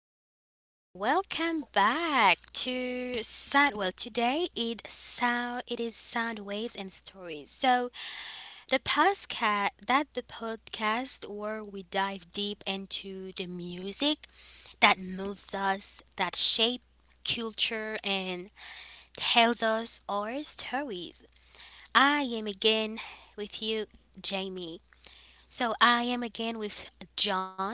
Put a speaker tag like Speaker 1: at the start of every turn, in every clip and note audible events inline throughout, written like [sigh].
Speaker 1: again, welcome back to Sound. Well, today it is sound waves and stories. So the podcast where we dive deep into the music that moves us, that shape culture and tells us our stories. I am again with you, Jamie. So I am again with John,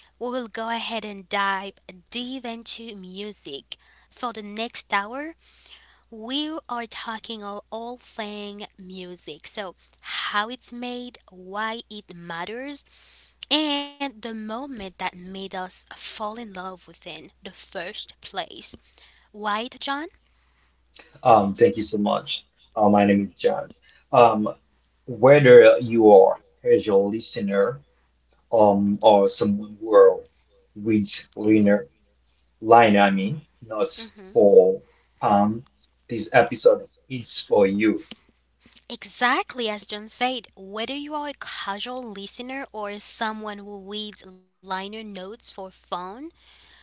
Speaker 1: we will go ahead and dive deep into music. For the next hour, we are talking all thing music. So, how it's made, why it matters, and the moment that made us fall in love with it in the first place. Right, John?
Speaker 2: Thank you so much. My name is John. Um, whether you are a casual listener or someone who are reads liner, line, I mean, notes
Speaker 1: Hmm.
Speaker 2: for um, this episode is for you.
Speaker 1: Exactly as John said, whether you are a casual listener or someone who reads liner notes for fun,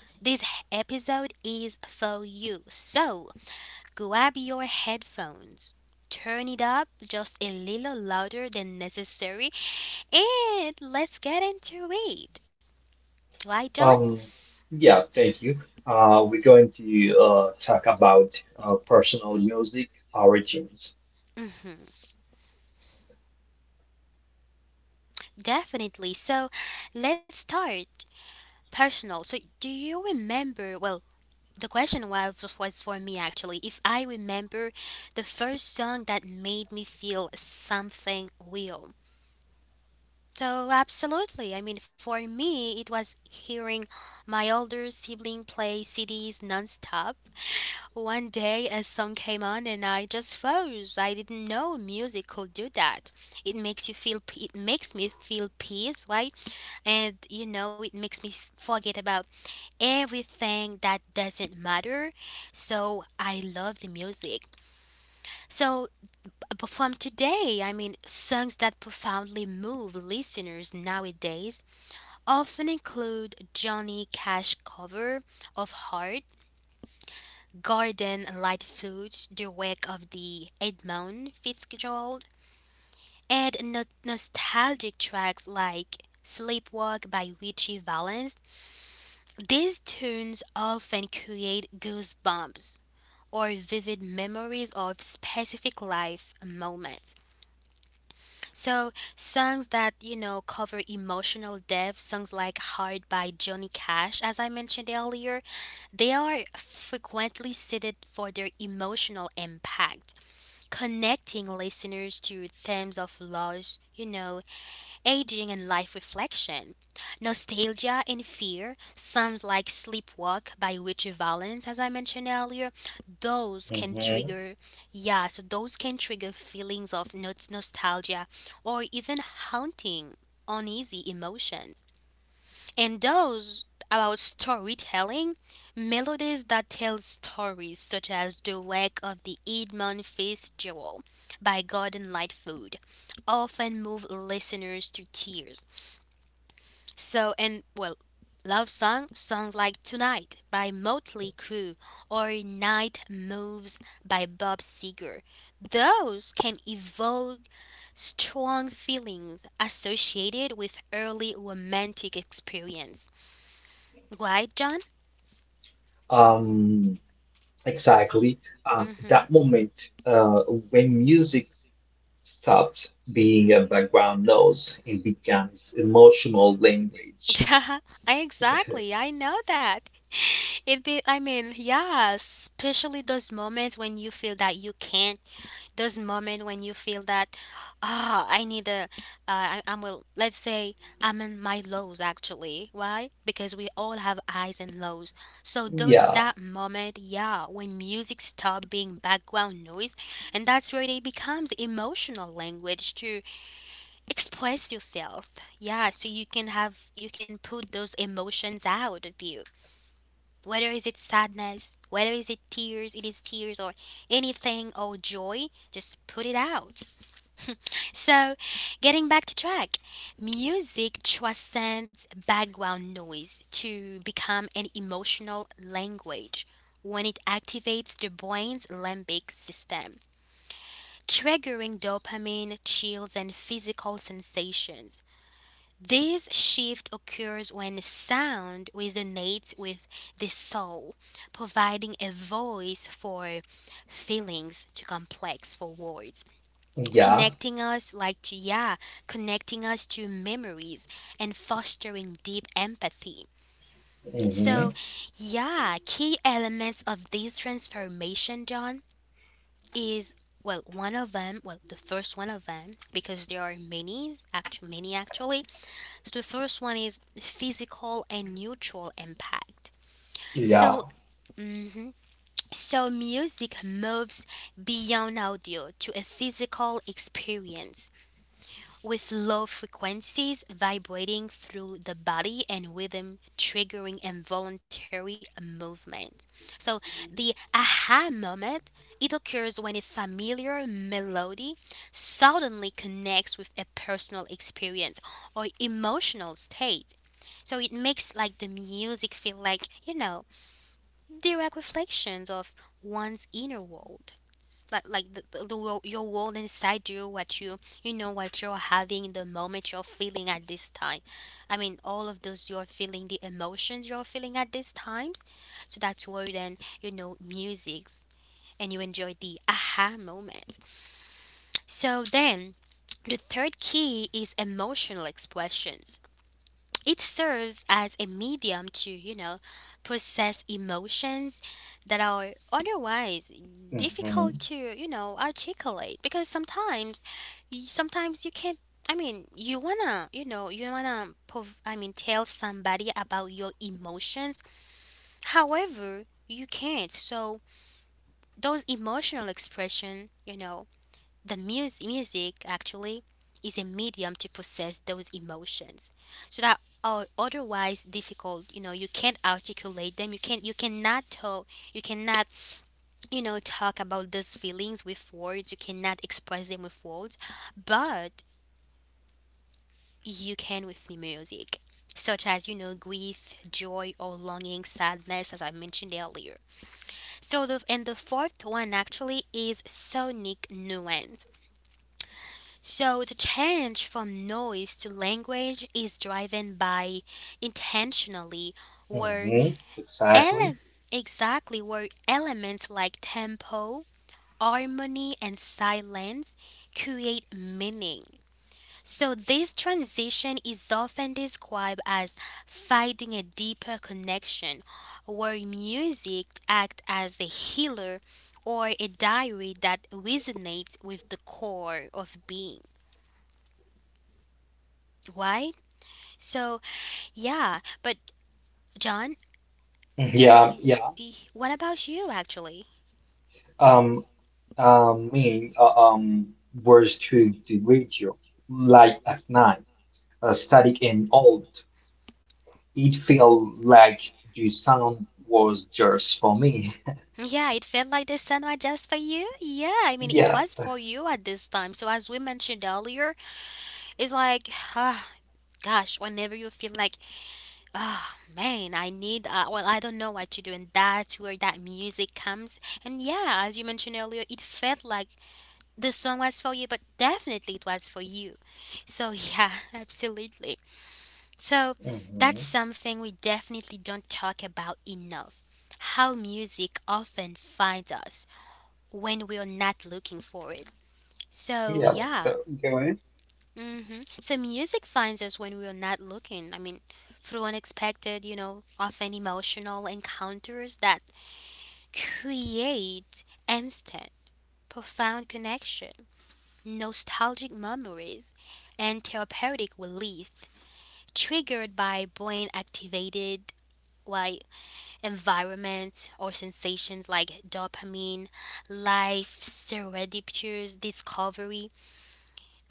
Speaker 1: this episode is for you. So grab your headphones, turn it up just a little louder than necessary, and let's get into it. Right, John?
Speaker 2: Um, yeah, thank you. We're going to talk about personal music origins.
Speaker 1: Definitely. So let's start. Personal. So, do you remember? Well, the question was for me actually, if I remember the first song that made me feel something real. So, absolutely. I mean, for me, it was hearing my older sibling play CDs nonstop. One day, a song came on, and I just froze. I didn't know music could do that. It makes you feel. It makes me feel peace, right? And you know, it makes me forget about everything that doesn't matter. So, I love the music. So, but from today, I mean, songs that profoundly move listeners nowadays often include Johnny Cash cover of Heart, Garden Lightfoot, The Wake of the Edmund Fitzgerald, and nostalgic tracks like Sleepwalk by Richie Valens. These tunes often create goosebumps or vivid memories of specific life moments. So songs that you know cover emotional depth, songs like "Hard" by Johnny Cash, as I mentioned earlier, they are frequently cited for their emotional impact, connecting listeners to themes of loss, aging and life reflection. Nostalgia and fear, songs like Sleepwalk by Richie Valens, as I mentioned earlier, those can
Speaker 2: Mhm.
Speaker 1: trigger, yeah, so those can trigger feelings of nostalgia or even haunting, uneasy emotions. And those about storytelling, melodies that tell stories such as The Wreck of the Edmund Fitzgerald by Gordon Lightfoot often move listeners to tears. So, and well, love songs like Tonight by Motley Crue or Night Moves by Bob Seger. Those can evoke strong feelings associated with early romantic experience. Right, John?
Speaker 2: Um, exactly.
Speaker 1: Mm-hmm.
Speaker 2: That moment uh, when music stops being a background noise and becomes emotional language.
Speaker 1: [laughs] Exactly, I know that. It be I mean, yeah, especially those moments when you feel that you can't, those moment when you feel that, I need a, I'm well, let's say I'm in my lows actually. Why? Because we all have highs and lows. So those,
Speaker 2: Yeah,
Speaker 1: that moment, yeah, when music stop being background noise, and that's where it becomes emotional language to express yourself. Yeah, so you can have, you can put those emotions out of you, whether is it sadness, whether is it tears, it is tears, or anything, or joy, just put it out. So, getting back to track, music transcends background noise to become an emotional language when it activates the brain's limbic system, triggering dopamine, chills, and physical sensations. This shift occurs when sound resonates with the soul, providing a voice for feelings too complex for words,
Speaker 2: yeah.
Speaker 1: connecting us like to, yeah, connecting us to memories and fostering deep empathy. So
Speaker 2: Hmm,
Speaker 1: yeah, key elements of this transformation, John, is, well, one of them, well, the first one of them, because there are many actually, many actually. So the first one is physical and neutral impact.
Speaker 2: yeah.
Speaker 1: So, mhm, so music moves beyond audio to a physical experience, with low frequencies vibrating through the body and rhythm triggering involuntary movement. So the aha moment, it occurs when a familiar melody suddenly connects with a personal experience or emotional state. So it makes like the music feel like, you know, direct reflections of one's inner world. Like the your world inside you, what you know, what you're having in the moment, you're feeling at this time. I mean, all of those you're feeling, the emotions you're feeling at these times. So that's where then you know musics, and you enjoy the aha moment. So then the third key is emotional expressions. It serves as a medium to, you know, process emotions that are otherwise
Speaker 2: Hmm.
Speaker 1: difficult to, you know, articulate, because sometimes sometimes you can't. I mean, you wanna, you know, you wanna, I mean, tell somebody about your emotions. However, you can't. So those emotional expression, you know, the music actually is a medium to process those emotions so that are otherwise difficult, you know, you can't articulate them, you can't, you cannot talk, you cannot, you know, talk about those feelings with words, you cannot express them with words, but you can with the music, such as, you know, grief, joy, or longing, sadness, as I mentioned earlier. So the, and the fourth one actually is sonic nuance. So the change from noise to language is driven by intentionally, where
Speaker 2: Hmm. Exactly.
Speaker 1: ele- exactly, where elements like tempo, harmony and silence create meaning. So this transition is often described as finding a deeper connection where music acts as a healer or a diary that resonates with the core of being. Why? So, yeah, but John,
Speaker 2: Mm-hmm. Yeah,
Speaker 1: oh,
Speaker 2: yeah.
Speaker 1: what about you actually?
Speaker 2: Um, I mean, uh, um, Words to the radio, like at night, static and old. It felt like the sound was just for me. [laughs]
Speaker 1: Yeah, it felt like the sun was just for you. Yeah, I mean, it
Speaker 2: Yeah.
Speaker 1: was for you at this time. So, as we mentioned earlier, it's like, ah, gosh, whenever you feel like, ah, man, I need, well, I don't know what to do. And that's where that music comes. And yeah, as you mentioned earlier, it felt like the song was for you, but definitely it was for you. So, yeah, [laughs] absolutely. So that's
Speaker 2: Hmm.
Speaker 1: something we definitely don't talk about enough. How music often finds us when we're not looking for it. So
Speaker 2: Yeah, let's go.
Speaker 1: yeah.
Speaker 2: Go in.
Speaker 1: Hmm. So music finds us when we're not looking. I mean, through unexpected, you know, often emotional encounters that create instant, profound connection, nostalgic memories, and therapeutic relief triggered by brain activated, why, environment or sensations like dopamine, life, serendipitous discovery.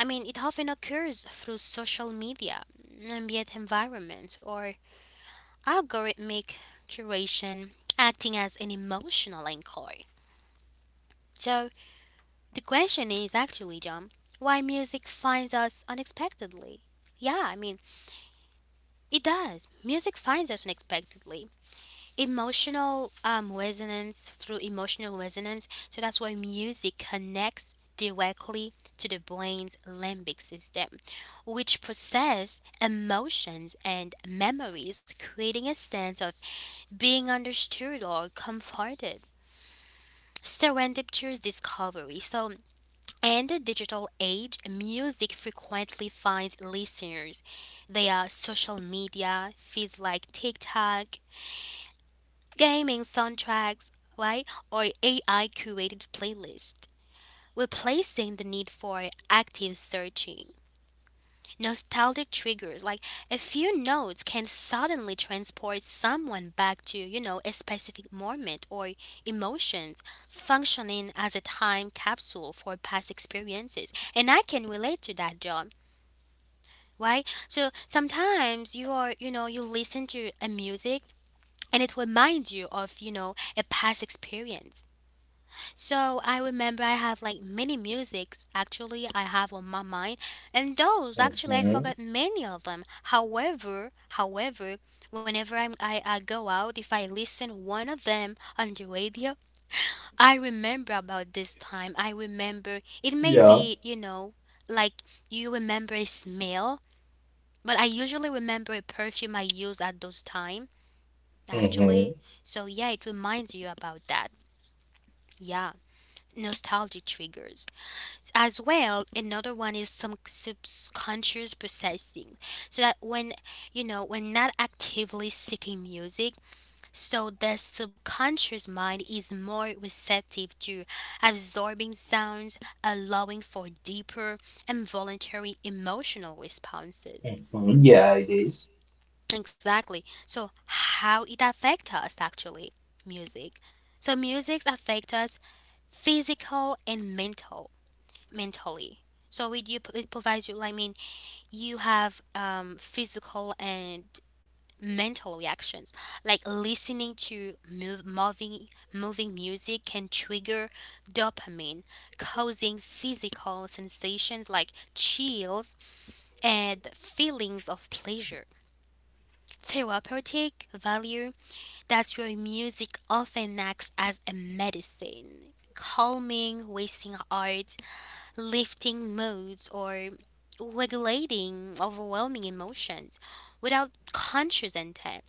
Speaker 1: I mean, it often occurs through social media, ambient environment, or algorithmic curation acting as an emotional anchor. So, the question is actually, John, why music finds us unexpectedly? Yeah, I mean, it does. Music finds us unexpectedly. Emotional resonance, through emotional resonance. So that's why music connects directly to the brain's limbic system, which process emotions and memories, creating a sense of being understood or comforted. Serendipitous discovery. So, in the digital age, music frequently finds listeners. They are social media, feeds like TikTok, gaming soundtracks, right, or AI curated playlists, replacing the need for active searching. Nostalgic triggers, like a few notes, can suddenly transport someone back to, you know, a specific moment or emotions, functioning as a time capsule for past experiences. And I can relate to that, John. Right? So sometimes you are, you know, you listen to a music and it reminds you of, you know, a past experience. So I remember I have like many musics actually I have on my mind, and those actually I
Speaker 2: Hmm.
Speaker 1: forgot many of them. However, however, whenever I go out, if I listen one of them on the radio, I remember about this time. I remember, it may
Speaker 2: Yeah.
Speaker 1: be, you know, like you remember a smell, but I usually remember a perfume I used at those time actually.
Speaker 2: Hmm.
Speaker 1: So yeah, it reminds you about that. Yeah. Nostalgia triggers. As well, another one is some subconscious processing. So that when, you know, when not actively seeking music, so the subconscious mind is more receptive to absorbing sounds, allowing for deeper and voluntary emotional responses.
Speaker 2: Hmm. Yeah, it is.
Speaker 1: Exactly. So how it affects us actually, music, so music affects us physical and mental, mentally. So it, you, it provides you like, you have, physical and mental reactions, like listening to move, moving moving music can trigger dopamine, causing physical sensations like chills and feelings of pleasure. Therapeutic value, that's where music often acts as a medicine, calming wasting art, lifting moods, or regulating overwhelming emotions without conscious intent.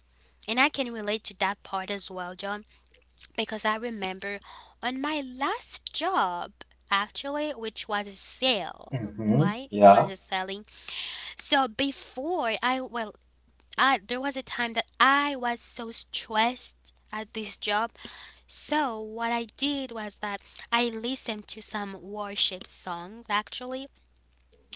Speaker 1: And I can relate to that part as well, John, because I remember on my last job, actually, which was a sale,
Speaker 2: Mm-hmm.
Speaker 1: right? It was
Speaker 2: Yeah,
Speaker 1: a selling. So before I, well, I, there was a time that I was so stressed at this job. So what I did was that I listened to some worship songs actually,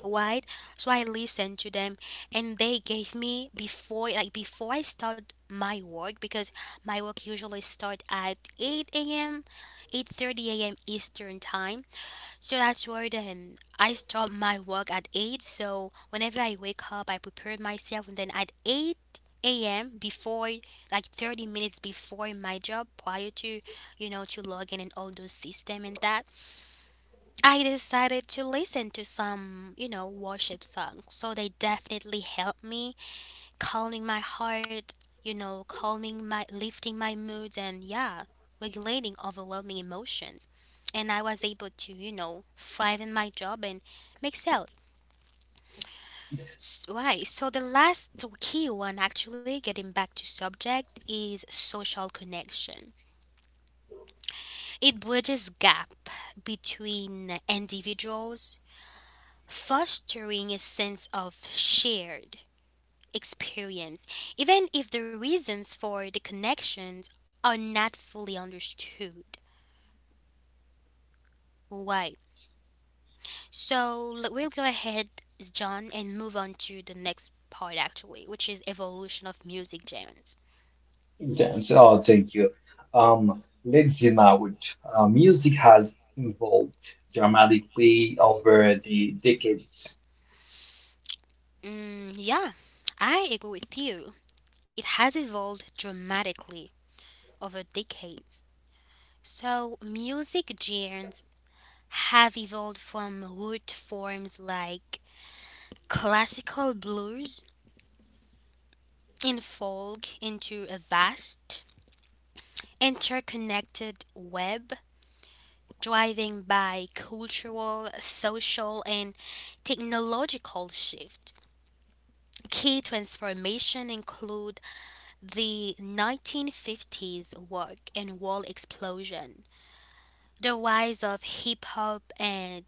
Speaker 1: right, so I listened to them, and they gave me before I start my work, because my work usually start at 8 a.m, 8:30 a.m Eastern time. So that's where then I start my work at 8. So whenever I wake up, I prepare myself, and then at 8 a.m, before like 30 minutes before my job, prior to to log in and all those system and that, I decided to listen to some, worship songs. So they definitely helped me calming my heart, calming my lifting my mood, and yeah, regulating overwhelming emotions. And I was able to, thrive in my job and make sales. Right. So the last key one actually, getting back to subject, is social connection. It bridges gap between individuals, fostering a sense of shared experience, even if the reasons for the connections are not fully understood. Why? So we'll go ahead, John, and move on to the next part actually, which is evolution of music genres.
Speaker 2: dance. Oh, thank you. Let's zoom out. Music has evolved dramatically over the decades.
Speaker 1: Mm, yeah, I agree with you. It has evolved dramatically over decades. So music genres have evolved from root forms like classical blues, unfold into a vast, interconnected web driven by cultural, social, and technological shift. Key transformation include the 1950s work and wall explosion, the rise of hip hop and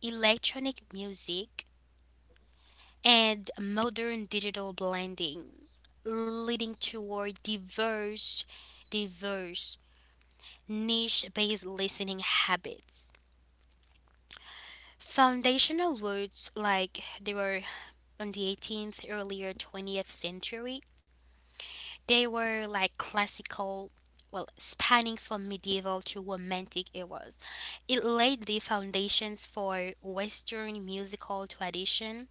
Speaker 1: electronic music, and modern digital blending, leading toward diverse, niche-based listening habits. Foundational words like they were on the 18th, earlier 20th century, they were like classical, well, spanning from medieval to romantic eras. It laid the foundations for Western musical tradition.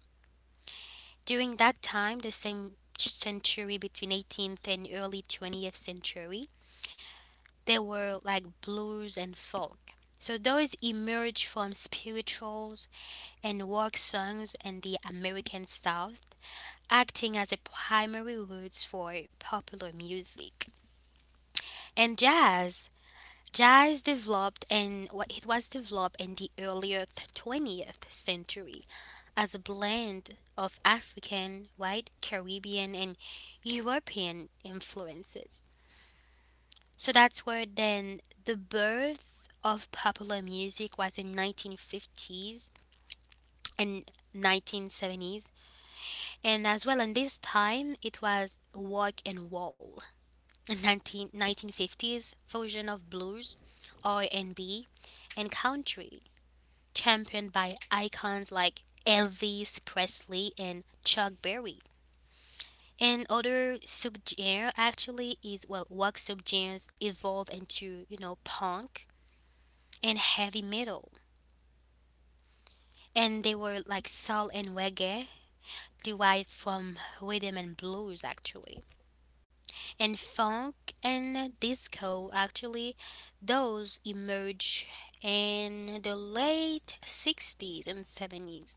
Speaker 1: During that time, the same century, between 18th and early 20th century, there were like blues and folk. So those emerged from spirituals and work songs in the American South, acting as a primary roots for popular music. And jazz developed, and what it was developed in the earlier 20th century as a blend of African, white, Caribbean, and European influences. So that's where then the birth of popular music was in 1950s and 1970s. And as well, in this time it was rock and roll, a nineteen fifties fusion of blues, r&b and B, and country, championed by icons like Elvis Presley and Chuck Berry. And other subgenre actually, is well, rock subgenres evolved into, you know, punk and heavy metal, and they were like soul and reggae derived from rhythm and blues actually, and funk and disco actually. Those emerged in the late 60s and 70s,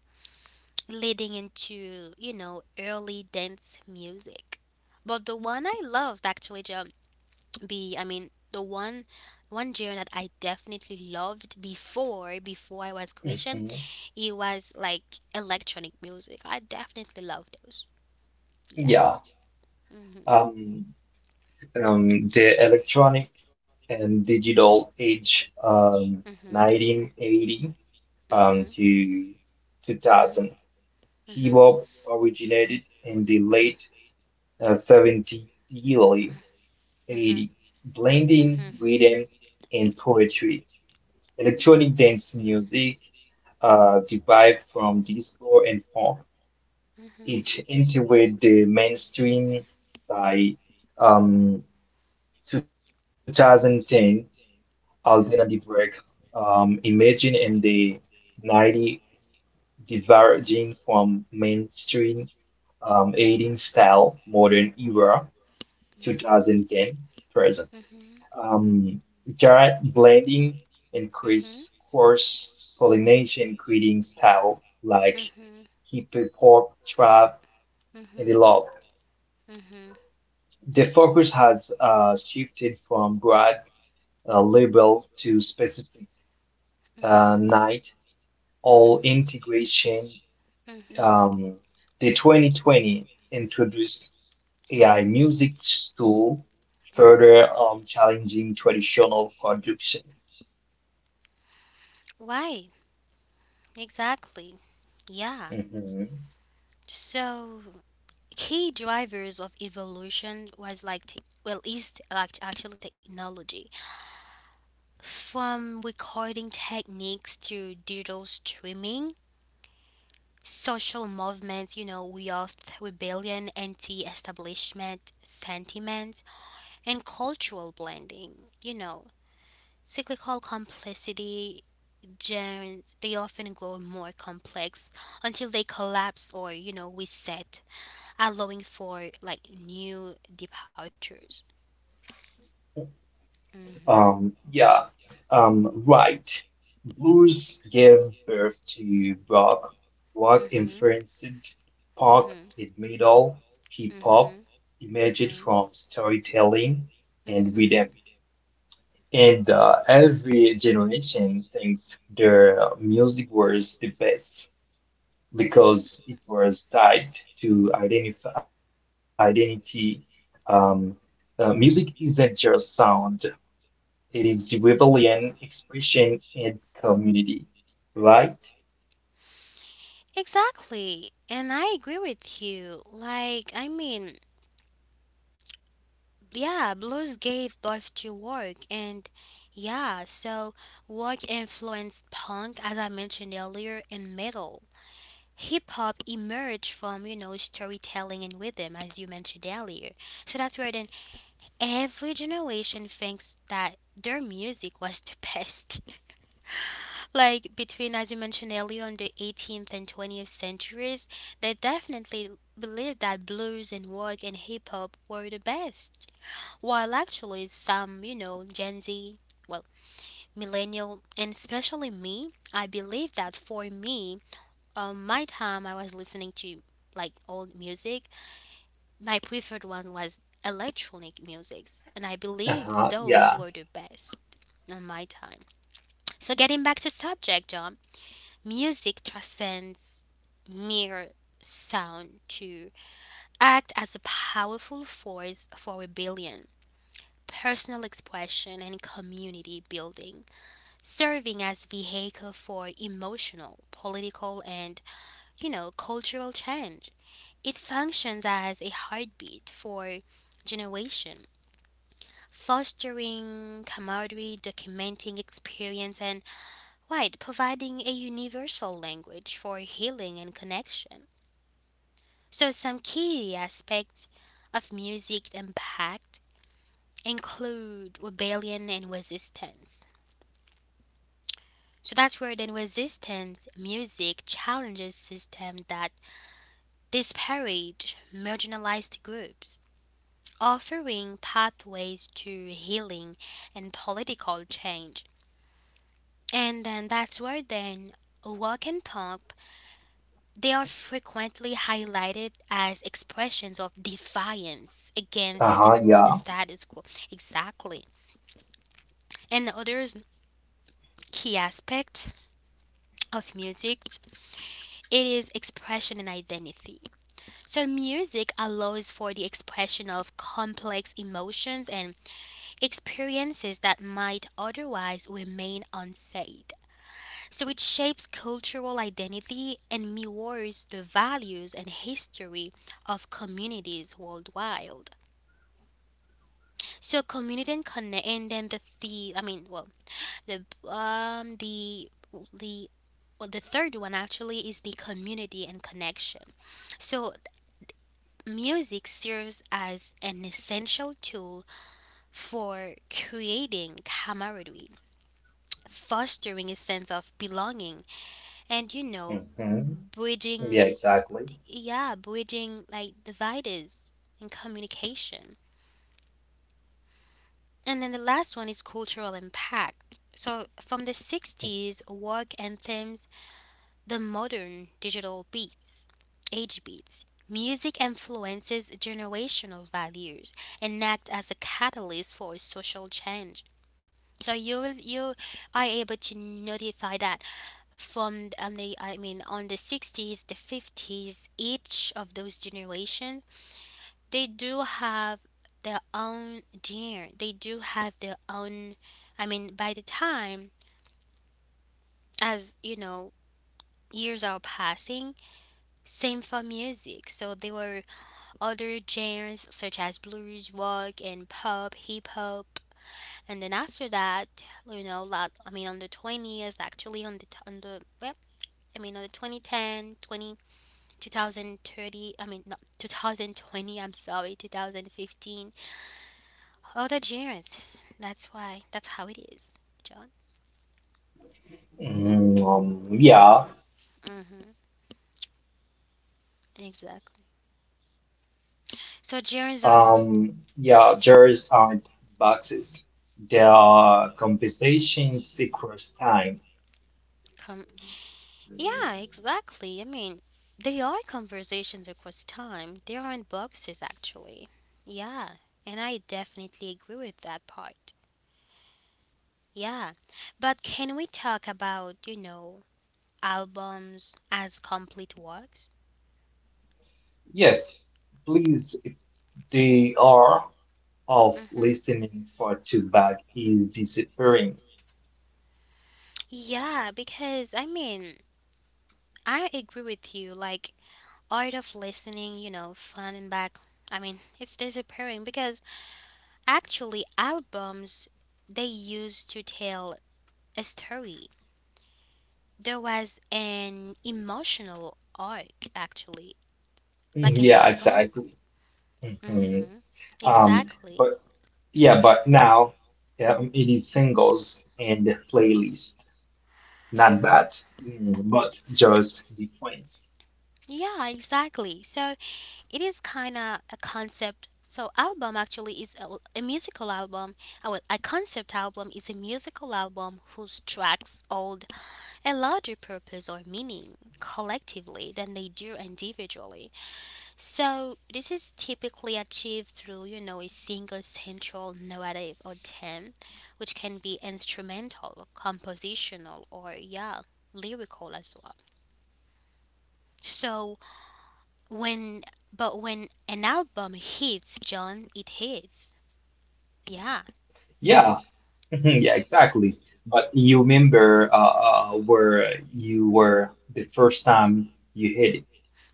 Speaker 1: leading into, you know, early dance music. But the one I loved actually, be I mean the one one genre that I definitely loved before I was Christian,
Speaker 2: Hmm.
Speaker 1: it was like electronic music. I definitely love those. Yeah.
Speaker 2: Yeah.
Speaker 1: mm-hmm
Speaker 2: Um, the electronic and digital age,
Speaker 1: mm-hmm
Speaker 2: 1980,
Speaker 1: mm-hmm
Speaker 2: to 2000.
Speaker 1: mm-hmm
Speaker 2: Hip hop originated in the late
Speaker 1: mm-hmm
Speaker 2: 70s
Speaker 1: mm-hmm
Speaker 2: 80, blending
Speaker 1: mm-hmm
Speaker 2: rhythm and poetry. Electronic dance music derived from disco and funk. It entered the mainstream by um, 2010. Alternative work
Speaker 1: mm-hmm
Speaker 2: emerging in the 90s, diverging from mainstream 18 style modern era
Speaker 1: mm-hmm
Speaker 2: 2010 present.
Speaker 1: hmm
Speaker 2: um, Jar blending increase cross pollination, creating style like hippie pop, trap, and the log. The focus has shifted from broad label to specific night all integration.
Speaker 1: hmm
Speaker 2: Um, the 2020 introduced AI music tool, further challenging traditional production.
Speaker 1: Why? Exactly. Yeah.
Speaker 2: Mhm.
Speaker 1: So key drivers of evolution was like te- well is like actually technology, from recording techniques to digital streaming, social movements, you know, we have rebellion, anti-establishment sentiments, and cultural blending, you know, cyclical complexity. Genes, they often grow more complex until they collapse or, you know, reset, allowing for like new departures. Mhm.
Speaker 2: Um, yeah, right. Blues gave birth to rock. Rock
Speaker 1: Mhm.
Speaker 2: influenced pop
Speaker 1: Mhm.
Speaker 2: and metal. Hip hop
Speaker 1: Mhm.
Speaker 2: emerged
Speaker 1: Mhm.
Speaker 2: from storytelling and rhythm.
Speaker 1: Mhm.
Speaker 2: And every generation thinks their music was the best because it was tied to identif identity. Um, Music isn't just sound, it is rebellion, expression, in community, right?
Speaker 1: Exactly. And I agree with you. Like, I mean, yeah, blues gave birth to work, and yeah, so work influenced punk, as I mentioned earlier, and metal. Hip hop emerged from, you know, storytelling and rhythm, as you mentioned earlier. So that's where then every generation thinks that their music was the best. [laughs] Like between, as you mentioned earlier, on the 18th and 20th centuries, they definitely believed that blues and rock and hip hop were the best. While actually, some, you know, Gen Z, well, millennial, and especially me, I believe that for me, my time I was listening to like old music, my preferred one was electronic musics, and I believe
Speaker 2: Uh-huh,
Speaker 1: those
Speaker 2: yeah.
Speaker 1: were the best on my time. So getting back to subject, John, music transcends mere sound to act as a powerful force for rebellion, personal expression, and community building, serving as vehicle for emotional, political, and, you know, cultural change. It functions as a heartbeat for generation, fostering camaraderie, documenting experience, and, right, providing a universal language for healing and connection. So some key aspects of music impact include rebellion and resistance. So that's where then resistance music challenges systems that disparage marginalized groups, offering pathways to healing and political change. And then that's where then walk and pump, they are frequently highlighted as expressions of defiance against the,
Speaker 2: Uh-huh,
Speaker 1: the
Speaker 2: yeah.
Speaker 1: status quo. Exactly. And the other key aspect of music, it is expression and identity. So music allows for the expression of complex emotions and experiences that might otherwise remain unsaid. So it shapes cultural identity and mirrors the values and history of communities worldwide. So community and connect, and then the I mean, well, the um the the well, the third one actually is the community and connection. So music serves as an essential tool for creating camaraderie, fostering a sense of belonging, and, you know,
Speaker 2: Hmm. Yeah,
Speaker 1: bridging,
Speaker 2: exactly.
Speaker 1: yeah, bridging like dividers and communication. And then the last one is cultural impact. So from the 60s work anthems, the modern digital beats, age beats, music influences generational values and act as a catalyst for social change. So you are able to notify that from the I mean on the 60s, the 50s, each of those generations, they do have their own dear, they do have their own, I mean, by the time, as you know, years are passing, same for music. So there were other genres such as blues, rock, and pop, hip hop, and then after that, you know, lot I mean on the 20s actually, on the t- on the well, I mean on the 2010, 20 2030. I mean no, 2020, I'm sorry, 2015, all the germs. That's why. That's how it is, John.
Speaker 2: Mm. Yeah.
Speaker 1: Mm-hmm. Exactly. So germs on
Speaker 2: Yeah, jars aren't boxes. They are conversations across time.
Speaker 1: com- yeah, exactly. I mean, they are conversations across time. They aren't boxes, actually. Yeah, and I definitely agree with that part. Yeah, but can we talk about, you know, albums as complete works?
Speaker 2: Yes, please, they are of
Speaker 1: Mm-hmm.
Speaker 2: listening for two back is disappearing.
Speaker 1: Yeah, because I mean, I agree with you. Like, art of listening, you know, fun and back, I mean, it's disappearing because actually albums, they used to tell a story. There was an emotional arc actually, like
Speaker 2: Mhm.
Speaker 1: an
Speaker 2: Yeah,
Speaker 1: album.
Speaker 2: exactly. Mhm.
Speaker 1: Mm-hmm.
Speaker 2: Um,
Speaker 1: Exactly.
Speaker 2: but Yeah, but now yeah, it is singles and playlist. Not bad. Mm, but just different.
Speaker 1: Yeah, exactly. So it is kind of a concept. So album actually is a musical album. Well, a concept album is a musical album whose tracks all a larger purpose or meaning collectively than they do individually. So this is typically achieved through, you know, a single central narrative or theme, which can be instrumental, compositional, or yeah, lyrical as well. So when when an album hits, John, it hits. Yeah.
Speaker 2: Yeah. [laughs] Yeah, exactly. But you remember where you were the first time you hit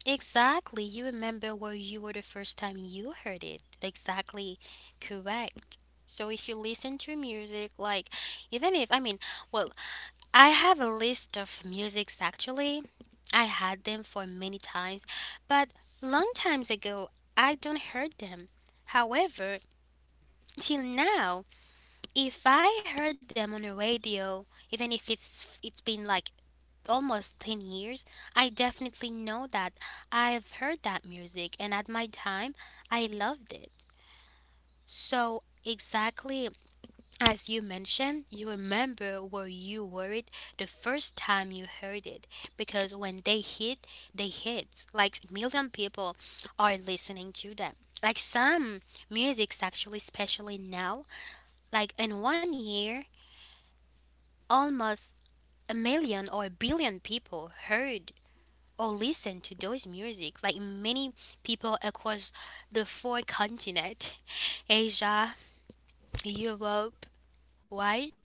Speaker 1: Exactly. You remember where you were the first time you heard it. Exactly. Correct. So if you listen to music, like, even if, I mean, well, I have a list of musics actually. I had them for many times, but long times ago, I don't heard them. However, till now, if I heard them on the radio, even if it's been like almost 10 years, I definitely know that I've heard that music and at my time I loved it. So, exactly as you mentioned, you remember where you were it the first time you heard it, because when they hit, they hit. Like million people are listening to them. Like some music's actually, especially now, like in 1 year, almost a million or a billion people heard or listen to those music, like many people across the four continent: Asia, Europe, right,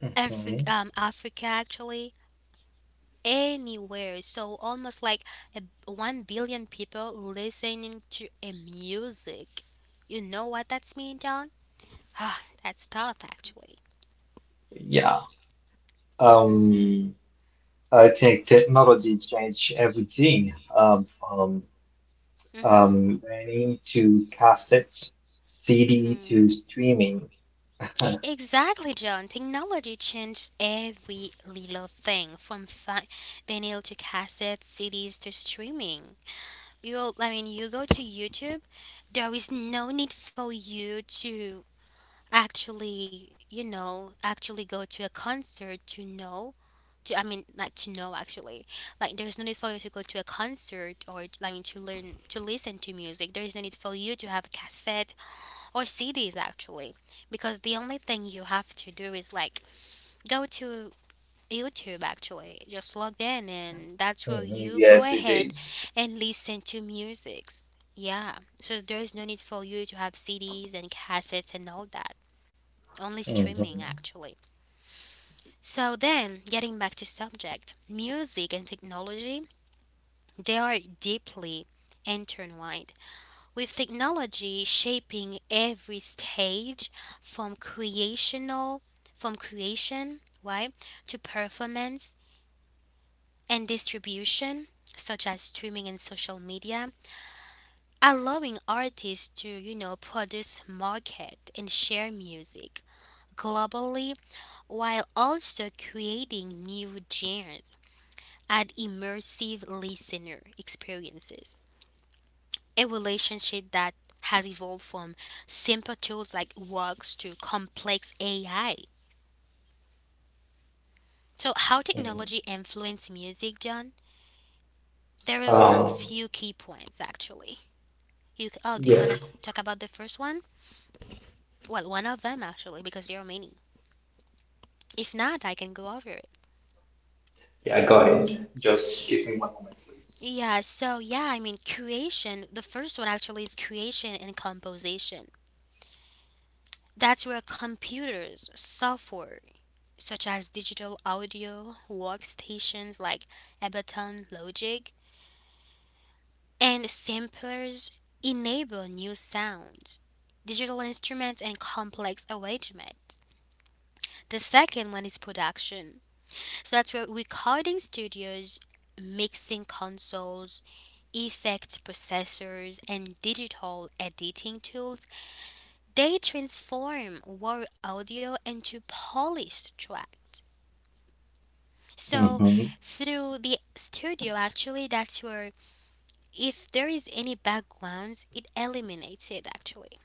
Speaker 2: it.
Speaker 1: Africa,
Speaker 2: Hmm.
Speaker 1: Africa actually, anywhere. So almost like a 1 billion people listening to a music. You know what that's mean, John? [sighs] Ah, that's tough actually.
Speaker 2: Yeah.
Speaker 1: Hmm.
Speaker 2: Um, I think technology changed everything um, from
Speaker 1: Hmm.
Speaker 2: um, running to cassettes, CD
Speaker 1: Hmm.
Speaker 2: to streaming.
Speaker 1: Exactly, John. Technology changed every little thing from vinyl to cassettes, CDs to streaming. You, I mean, you go to YouTube. There is no need for you to actually, you know, actually go to a concert to know. To, I mean, like to know actually, like there is no need for you to go to a concert or I mean to learn to listen to music. There is no need for you to have a cassette or CDs actually, because the only thing you have to do is like go to YouTube actually. Just log in, and that's where
Speaker 2: Mhm.
Speaker 1: you go
Speaker 2: Yes, it
Speaker 1: ahead and listen to musics. Yeah. So there is no need for you to have CDs and cassettes and all that. Only
Speaker 2: is.
Speaker 1: streaming actually. So then, getting back to subject, music and technology, they are deeply intertwined, with technology shaping every stage from creational from creation, right, to performance and distribution, such as streaming and social media, allowing artists to, you know, produce, market, and share music globally, while also creating new genres and immersive listener experiences. A relationship that has evolved from simple tools like works to complex AI. So, how
Speaker 2: Mm.
Speaker 1: technology influences music, John? There are some
Speaker 2: Um,
Speaker 1: few key points actually. Oh, do you
Speaker 2: yeah,
Speaker 1: want to talk about the first one? Well, one of them actually, because there are many. If not, I can go over it.
Speaker 2: yeah, I got it. Just give me one moment,
Speaker 1: Yeah, so yeah, I mean, creation, the first one actually is creation and composition. That's where computers, software, such as digital audio, workstations like Ableton Logic, and samplers enable new sounds, digital instruments, and complex arrangements. The second one is production. So that's where recording studios, mixing consoles, effect processors, and digital editing tools, they transform raw audio into polished tracks.
Speaker 2: please.
Speaker 1: So
Speaker 2: Mm-hmm.
Speaker 1: through the studio actually, that's where if there is any backgrounds, it eliminates it actually.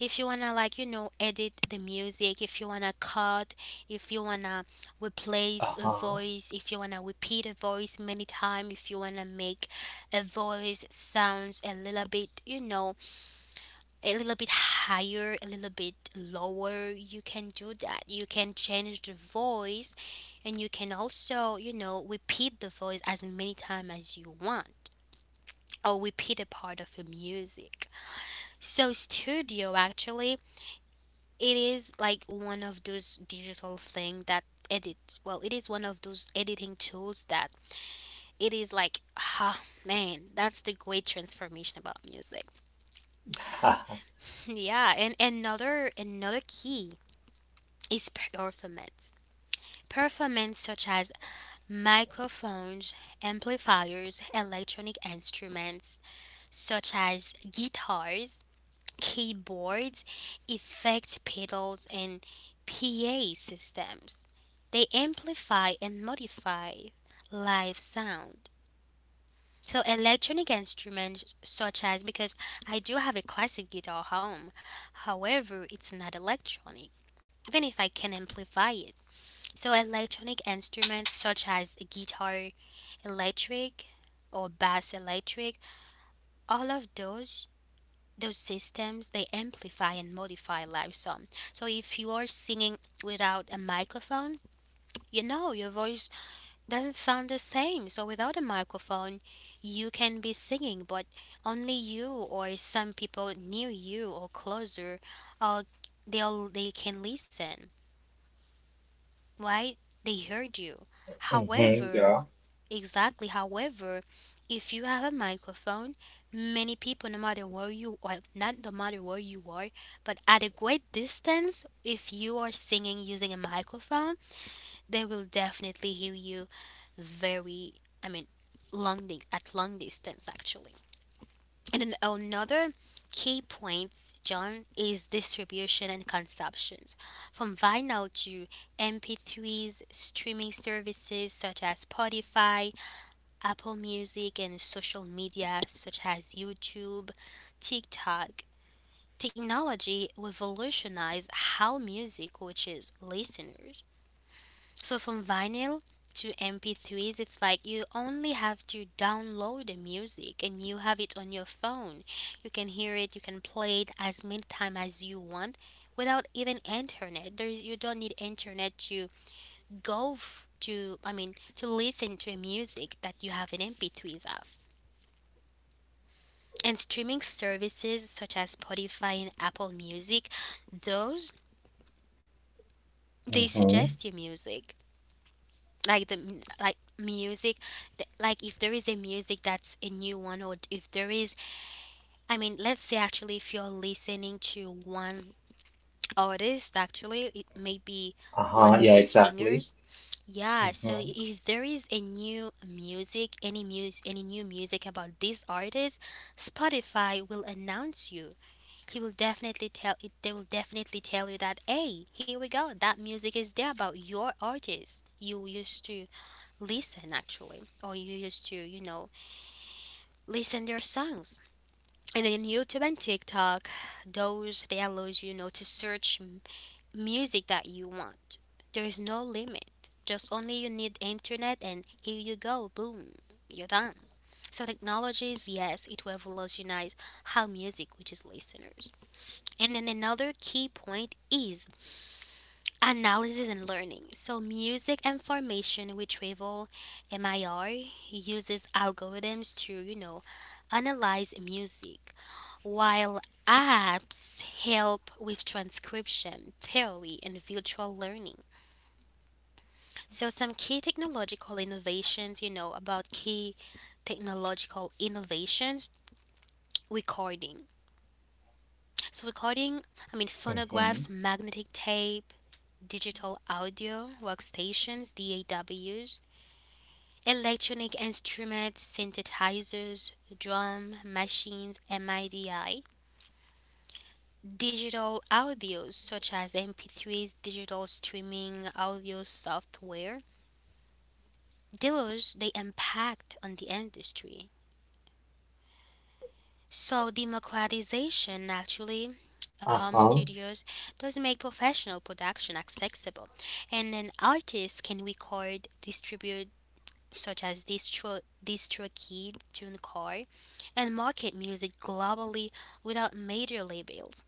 Speaker 1: If you wanna, like, edit the music, if you wanna cut, if you wanna replace a
Speaker 2: Uh-huh.
Speaker 1: voice, if you wanna repeat a voice many times, if you wanna make a voice sounds a little bit, a little bit higher, a little bit lower, you can do that, you can change the voice, and you can also, repeat the voice as many times as you want, or repeat a part of the music. So studio actually, it is like one of those digital thing that edit, well, it is one of those editing tools that it is like, ah man, that's the great transformation about music.
Speaker 2: [laughs]
Speaker 1: [laughs] Yeah, and another key is performance. Performance such as microphones, amplifiers, electronic instruments such as guitars, keyboards, effect pedals, and PA systems. They amplify and modify live sound. So electronic instruments such as, because I do have a classic guitar home. However, it's not electronic, even if I can amplify it. So electronic instruments such as guitar electric or bass electric, all of those systems, they amplify and modify live sound. So if you are singing without a microphone, your voice doesn't sound the same. So without a microphone, you can be singing, but only you or some people near you or closer, uh, they'll, they can listen, right? They heard you.
Speaker 2: Mm-hmm.
Speaker 1: However,
Speaker 2: Yeah.
Speaker 1: exactly. However, if you have a microphone, many people, no matter where you are, not no matter where you are, but at a great distance, if you are singing using a microphone, they will definitely hear you very, I mean, at long distance actually. And then another key points, John, is distribution and consumptions. From vinyl to MP3s, streaming services such as Spotify, Apple Music, and social media such as YouTube, TikTok. Technology revolutionized how music reaches listeners. So from vinyl to MP3s, it's like you only have to download the music and you have it on your phone. You can hear it, you can play it as many times as you want without even internet. You don't need internet to I mean, to listen to a music that you have an MP3s of. And streaming services such as Spotify and Apple Music, those, they
Speaker 2: Mm-hmm.
Speaker 1: suggest you music. Like like music, like if there is a music that's a new one, or if there is, I mean, let's say actually if you're listening to one artist, actually it may be
Speaker 2: Uh-huh.
Speaker 1: one of
Speaker 2: Yeah,
Speaker 1: those
Speaker 2: exactly.
Speaker 1: singers. Yeah, so
Speaker 2: Mm-hmm.
Speaker 1: if there is a new music, any new music about this artist, Spotify will announce you, he will definitely tell it they will definitely tell you that hey, here we go, that music is there about your artist you used to listen actually, or you used to, listen their songs. And then YouTube and TikTok, those, they allows you, you know to music that you want. There is no limit, just only you need internet and here you go, boom, you're done. So technologies, yes, it revolutionize how music reaches listeners. And then another key point is analysis and learning. So music information retrieval, MIR, uses algorithms to, analyze music, while apps help with transcription, theory, and virtual learning. So some key technological innovations, about key technological innovations, recording. So recording, I mean
Speaker 2: Mm-hmm.
Speaker 1: phonographs, magnetic tape, digital audio, workstations, DAWs, electronic instruments, synthesizers, drum machines, MIDI, digital audios such as MP3s, digital streaming audio software. Those, they impact on the industry. So democratization actually, home
Speaker 2: Uh-huh.
Speaker 1: studios does make professional production accessible, and an artist can record, distribute, such as DistroKid, TuneCore, and market music globally without major labels.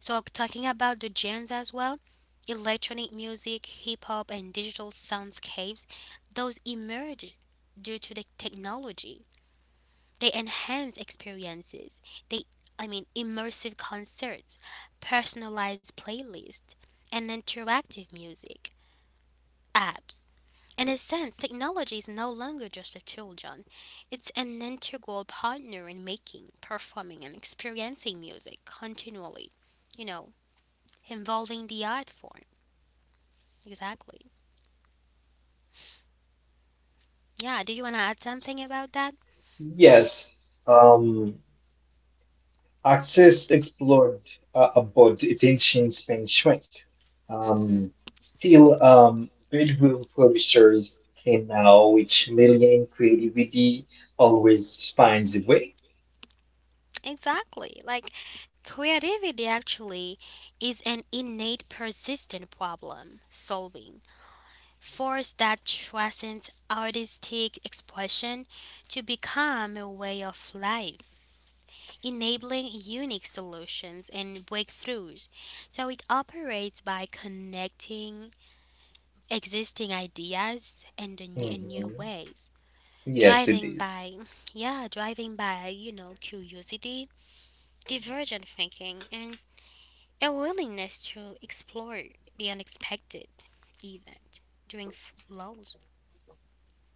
Speaker 1: So talking about the genres as well, electronic music, hip hop, and digital soundscapes, those emerge due to the technology. They enhance experiences. They, I mean, immersive concerts, personalized playlists, and interactive music apps. In a sense, technology is no longer just a tool, John. It's an integral partner in making, performing, and experiencing music continually, you know, involving the art form. Exactly. Yeah, do you want to add something about that?
Speaker 2: Yes. Um, Axis explored about its ancient Spain shrink. Um, still, bedroom producers can now, which million creativity always finds a way.
Speaker 1: Exactly. Like, creativity actually is an innate, persistent problem solving force that transcends artistic expression to become a way of life, enabling unique solutions and breakthroughs. So it operates by connecting existing ideas and the new, in
Speaker 2: Mm-hmm.
Speaker 1: new ways.
Speaker 2: Yes, it
Speaker 1: Driving
Speaker 2: is.
Speaker 1: by, yeah, driving by, curiosity, divergent thinking, and a willingness to explore the unexpected, even during lulls.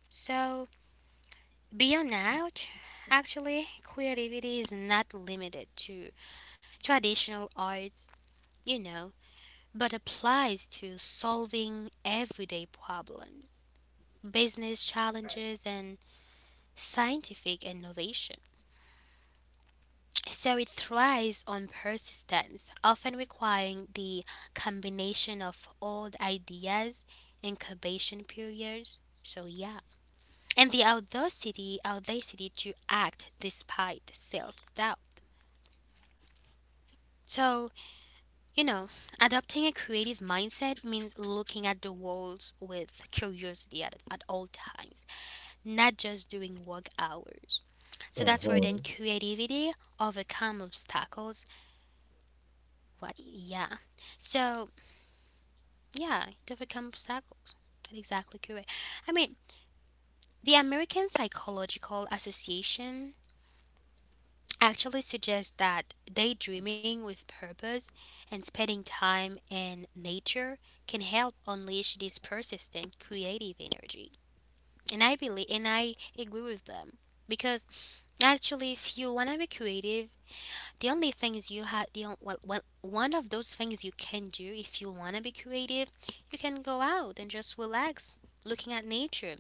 Speaker 1: So, beyond out, actually, creativity is not limited to traditional arts, you know, but applies to solving everyday problems, business challenges, and scientific innovation. So it thrives on persistence, often requiring the combination of old ideas, incubation periods. So yeah, and the audacity, audacity to act despite self-doubt. So, you know, adopting a creative mindset means looking at the world with curiosity at all times, not just during work hours. So that's where
Speaker 2: Mhm,
Speaker 1: then creativity overcome obstacles. What, yeah. So, yeah, to overcome obstacles. That's exactly correct. I mean, the American Psychological Association actually suggests that daydreaming with purpose and spending time in nature can help unleash this persistent creative energy. And I believe and I agree with them, because actually if you want to be creative, The only thing is you have the on- well, well, one of those things you can do if you want to be creative, you can go out and just relax looking at nature,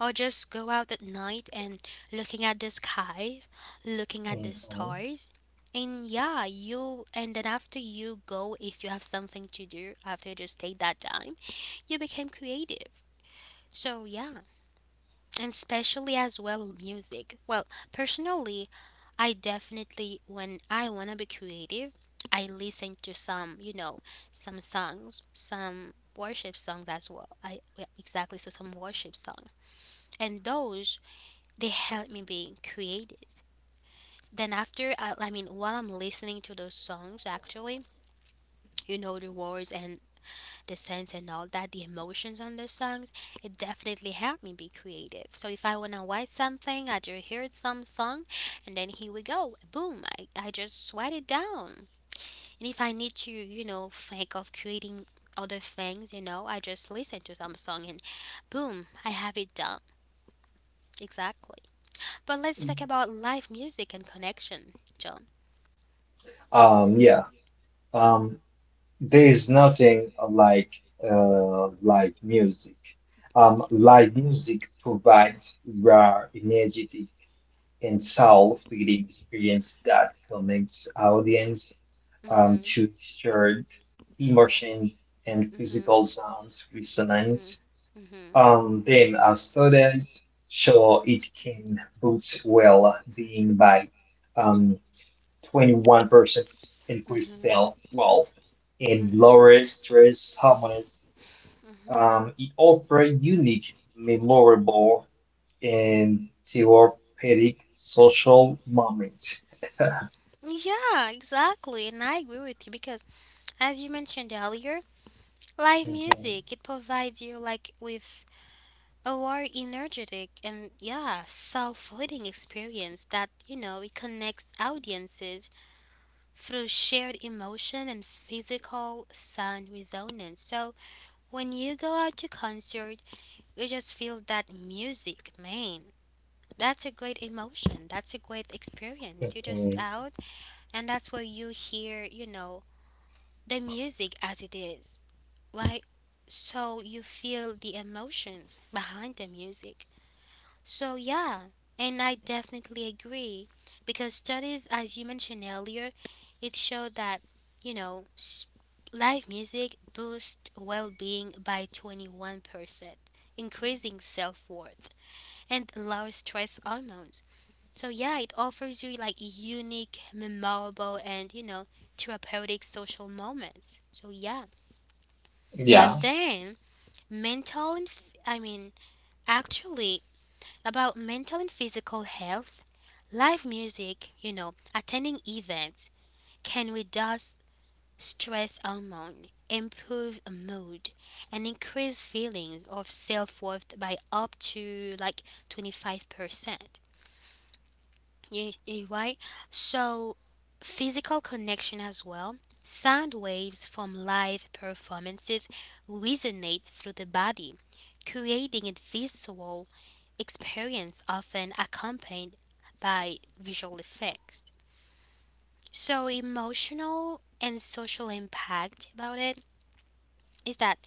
Speaker 1: or just go out at night and looking at the skies, looking at the
Speaker 2: mhm.
Speaker 1: stars. And yeah, you, and then after you go, if you have something to do, after you just take that time, you became creative. So yeah, and especially as well music. Well, personally, I definitely, when I want to be creative, I listen to some, some songs, some worship songs as well. I, yeah, exactly, so some worship songs. And those, they help me being creative. Then after I mean while I'm listening to those songs actually, the words and the sense and all that, the emotions on the songs, it definitely helped me be creative. So if I wanna write something, I just heard some song, and then here we go, boom! I just write it down. And if I need to, think of creating other things, I just listen to some song and boom, I have it done. Exactly. But let's talk about live music and connection, John.
Speaker 2: Yeah. Um, there is nothing like live music. Live music provides raw, energetic, and soul-feeding experience that connects audience
Speaker 1: Mhm.
Speaker 2: to shared emotion and physical
Speaker 1: Mhm.
Speaker 2: sounds
Speaker 1: Mhm.
Speaker 2: resonance.
Speaker 1: Mhm.
Speaker 2: Then, as studies show, it can boost well-being by um, 21% increased
Speaker 1: Mhm.
Speaker 2: self-wealth and
Speaker 1: Mhm.
Speaker 2: lower stress hormones.
Speaker 1: Mhm.
Speaker 2: It offers unique, memorable, and therapeutic social moments.
Speaker 1: Yeah, exactly. And I agree with you because, as you mentioned earlier, live
Speaker 2: Mhm,
Speaker 1: music, it provides you like with a more energetic and, yeah, soul-footing experience that, it connects audiences through shared emotion and physical sound resonance. So when you go out to concert, you just feel that music, man. That's a great emotion. That's a great experience. You're just
Speaker 2: mhm.
Speaker 1: out, and that's where you hear, the music as it is, right? So you feel the emotions behind the music. So, yeah, and I definitely agree because studies, as you mentioned earlier, it showed that, you know, s- live music boosts well being by 21%, increasing self worth and lower stress hormones. So, yeah, it offers you like unique, memorable, and, therapeutic social moments. So, yeah. But
Speaker 2: Yeah,
Speaker 1: then, I mean, actually, about mental and physical health, live music, attending events can reduce stress hormone, improve mood, and increase feelings of self worth by up to like 25%. You, you right? So, physical connection as well. Sound waves from live performances resonate through the body, creating a visual experience often accompanied by visual effects. So, emotional and social impact about it is that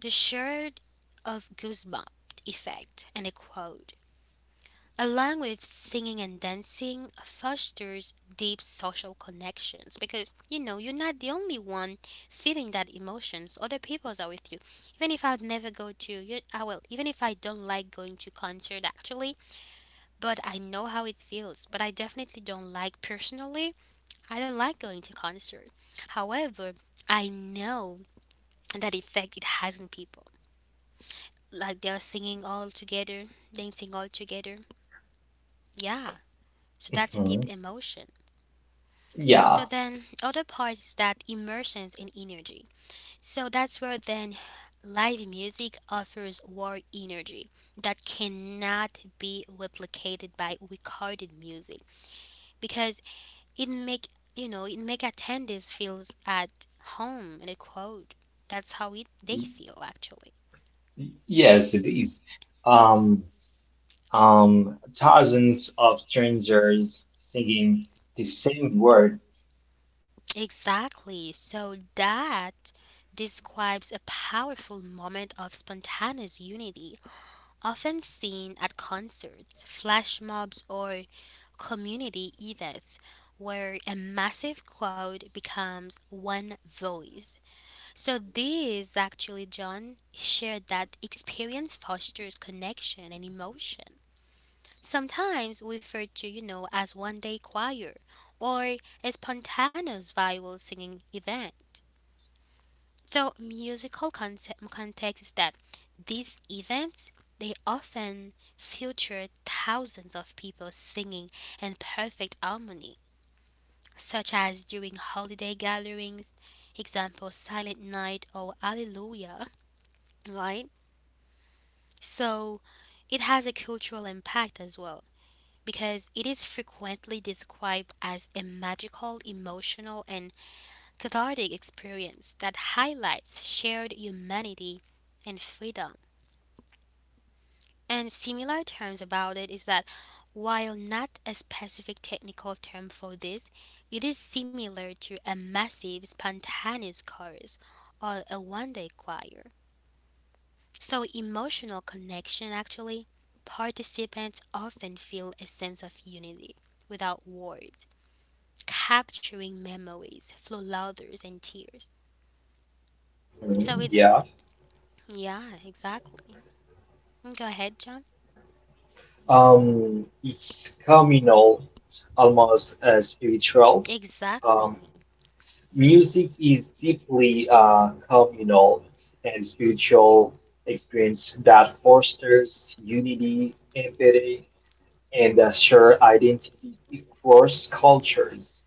Speaker 1: the shared of goosebump effect and a quote, along with singing and dancing, fosters deep social connections, because you're not the only one feeling that emotions. Other people are with you. Even if I'd never go to you, I will, even if I don't like going to concert actually, but I know how it feels. But I definitely don't like personally. I don't like going to concert. However, I know that effect it has on people. Like they are singing all together, dancing all together. Yeah. So that's a deep
Speaker 2: mhm.
Speaker 1: emotion. So
Speaker 2: Yeah,
Speaker 1: then, other part is that immersions in energy. So that's where then live music offers war energy that cannot be replicated by recorded music, because it make, it make attendees feels at home in a crowd. That's how it they feel actually.
Speaker 2: yes, it is. Um, Thousands of strangers singing the same word.
Speaker 1: Exactly. So that describes a powerful moment of spontaneous unity often seen at concerts, flash mobs, or community events where a massive crowd becomes one voice. So, this actually, John shared that experience fosters connection and emotion. Sometimes referred to, as one day choir or a spontaneous viral singing event. So musical context is that these events they often feature thousands of people singing in perfect harmony, such as during holiday gatherings, example Silent Night or Alleluia, right? So it has a cultural impact as well because it is frequently described as a magical, emotional, and cathartic experience that highlights shared humanity and freedom. And similar terms about it is that while not a specific technical term for this, it is similar to a massive spontaneous chorus or a one day choir. So, emotional connection actually, participants often feel a sense of unity without words, capturing memories flow, louders, and tears. So,
Speaker 2: Mhm.
Speaker 1: it's
Speaker 2: Yeah.
Speaker 1: yeah, exactly. Go ahead, John.
Speaker 2: It's communal, almost spiritual.
Speaker 1: Exactly.
Speaker 2: Um, Music is deeply communal and spiritual experience that fosters unity, empathy, and a shared identity across cultures.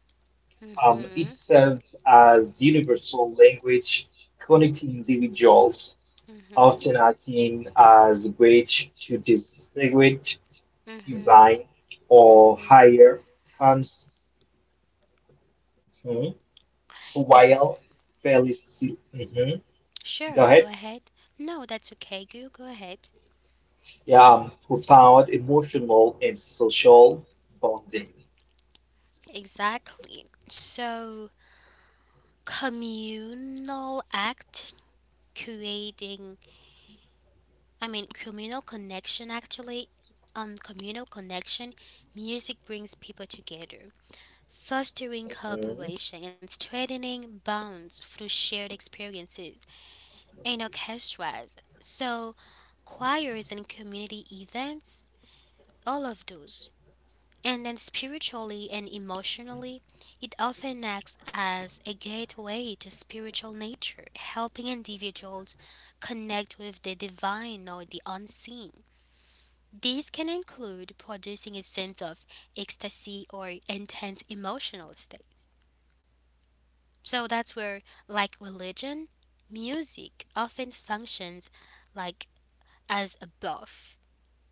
Speaker 2: It
Speaker 1: Mhm.
Speaker 2: serves as universal language connecting individuals,
Speaker 1: Mhm.
Speaker 2: often acting as a bridge to distinguish
Speaker 1: Mhm.
Speaker 2: divine or
Speaker 1: Mhm.
Speaker 2: higher cons. Mhm.
Speaker 1: Ex-
Speaker 2: While Felici, mhm, go
Speaker 1: sure,
Speaker 2: ahead.
Speaker 1: go ahead. No, that's okay. Go ahead.
Speaker 2: Yeah, who found emotional and social bonding.
Speaker 1: Exactly. So, communal act creating, I mean, communal connection actually. Communal connection, music brings people together. Fostering
Speaker 2: Mhm,
Speaker 1: cooperation and strengthening bonds through shared experiences in orchestras. So, choirs and community events, all of those. And then, spiritually and emotionally, it often acts as a gateway to spiritual nature, helping individuals connect with the divine or the unseen. These can include producing a sense of ecstasy or intense emotional states. So that's where, like religion, music often functions like as a buff,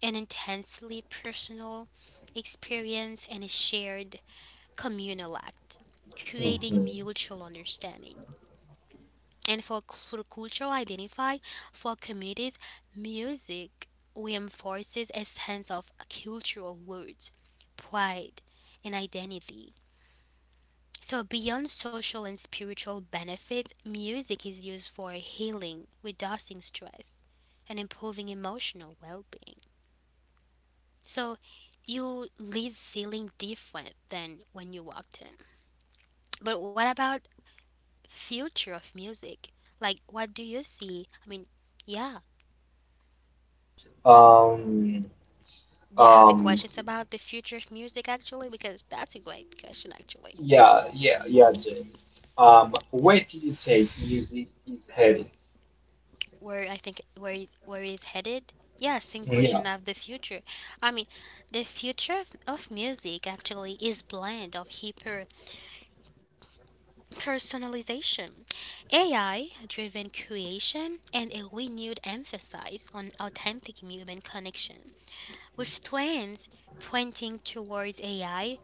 Speaker 1: an intensely personal experience and a shared communal act, creating
Speaker 2: mhm.
Speaker 1: mutual understanding. And for, cultural identify, for communities, music reinforces a sense of cultural roots, pride, and identity. So, beyond social and spiritual benefits, music is used for healing, reducing stress, and improving emotional well being. So, you leave feeling different than when you walked in. But what about future of music? Like, what do you see? I mean, yeah.
Speaker 2: um
Speaker 1: Do you have a
Speaker 2: um
Speaker 1: questions about the future of music actually? Because that's a great question actually.
Speaker 2: yeah Jamie, where do you take music is headed?
Speaker 1: Where I think where is headed? Yeah, same
Speaker 2: Mm-hmm. Yeah.
Speaker 1: question of the future. I mean, the future of music actually is blend of hyper personalization, AI driven creation, and a renewed emphasis on authentic human connection. With trends pointing towards AI,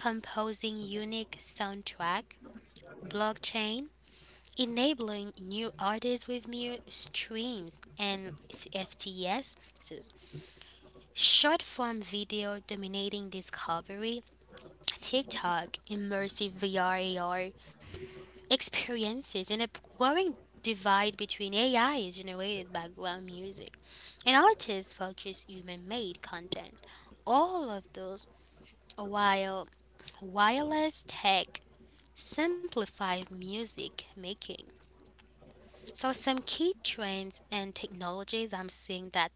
Speaker 1: composing unique soundtrack, blockchain enabling new artists with new streams and FTS, so short form video dominating discovery, TikTok, immersive VR experiences, and a growing divide between AI generated background music and artists focused human made content. All of those while wireless tech simplifies music making. So some key trends and technologies I'm seeing that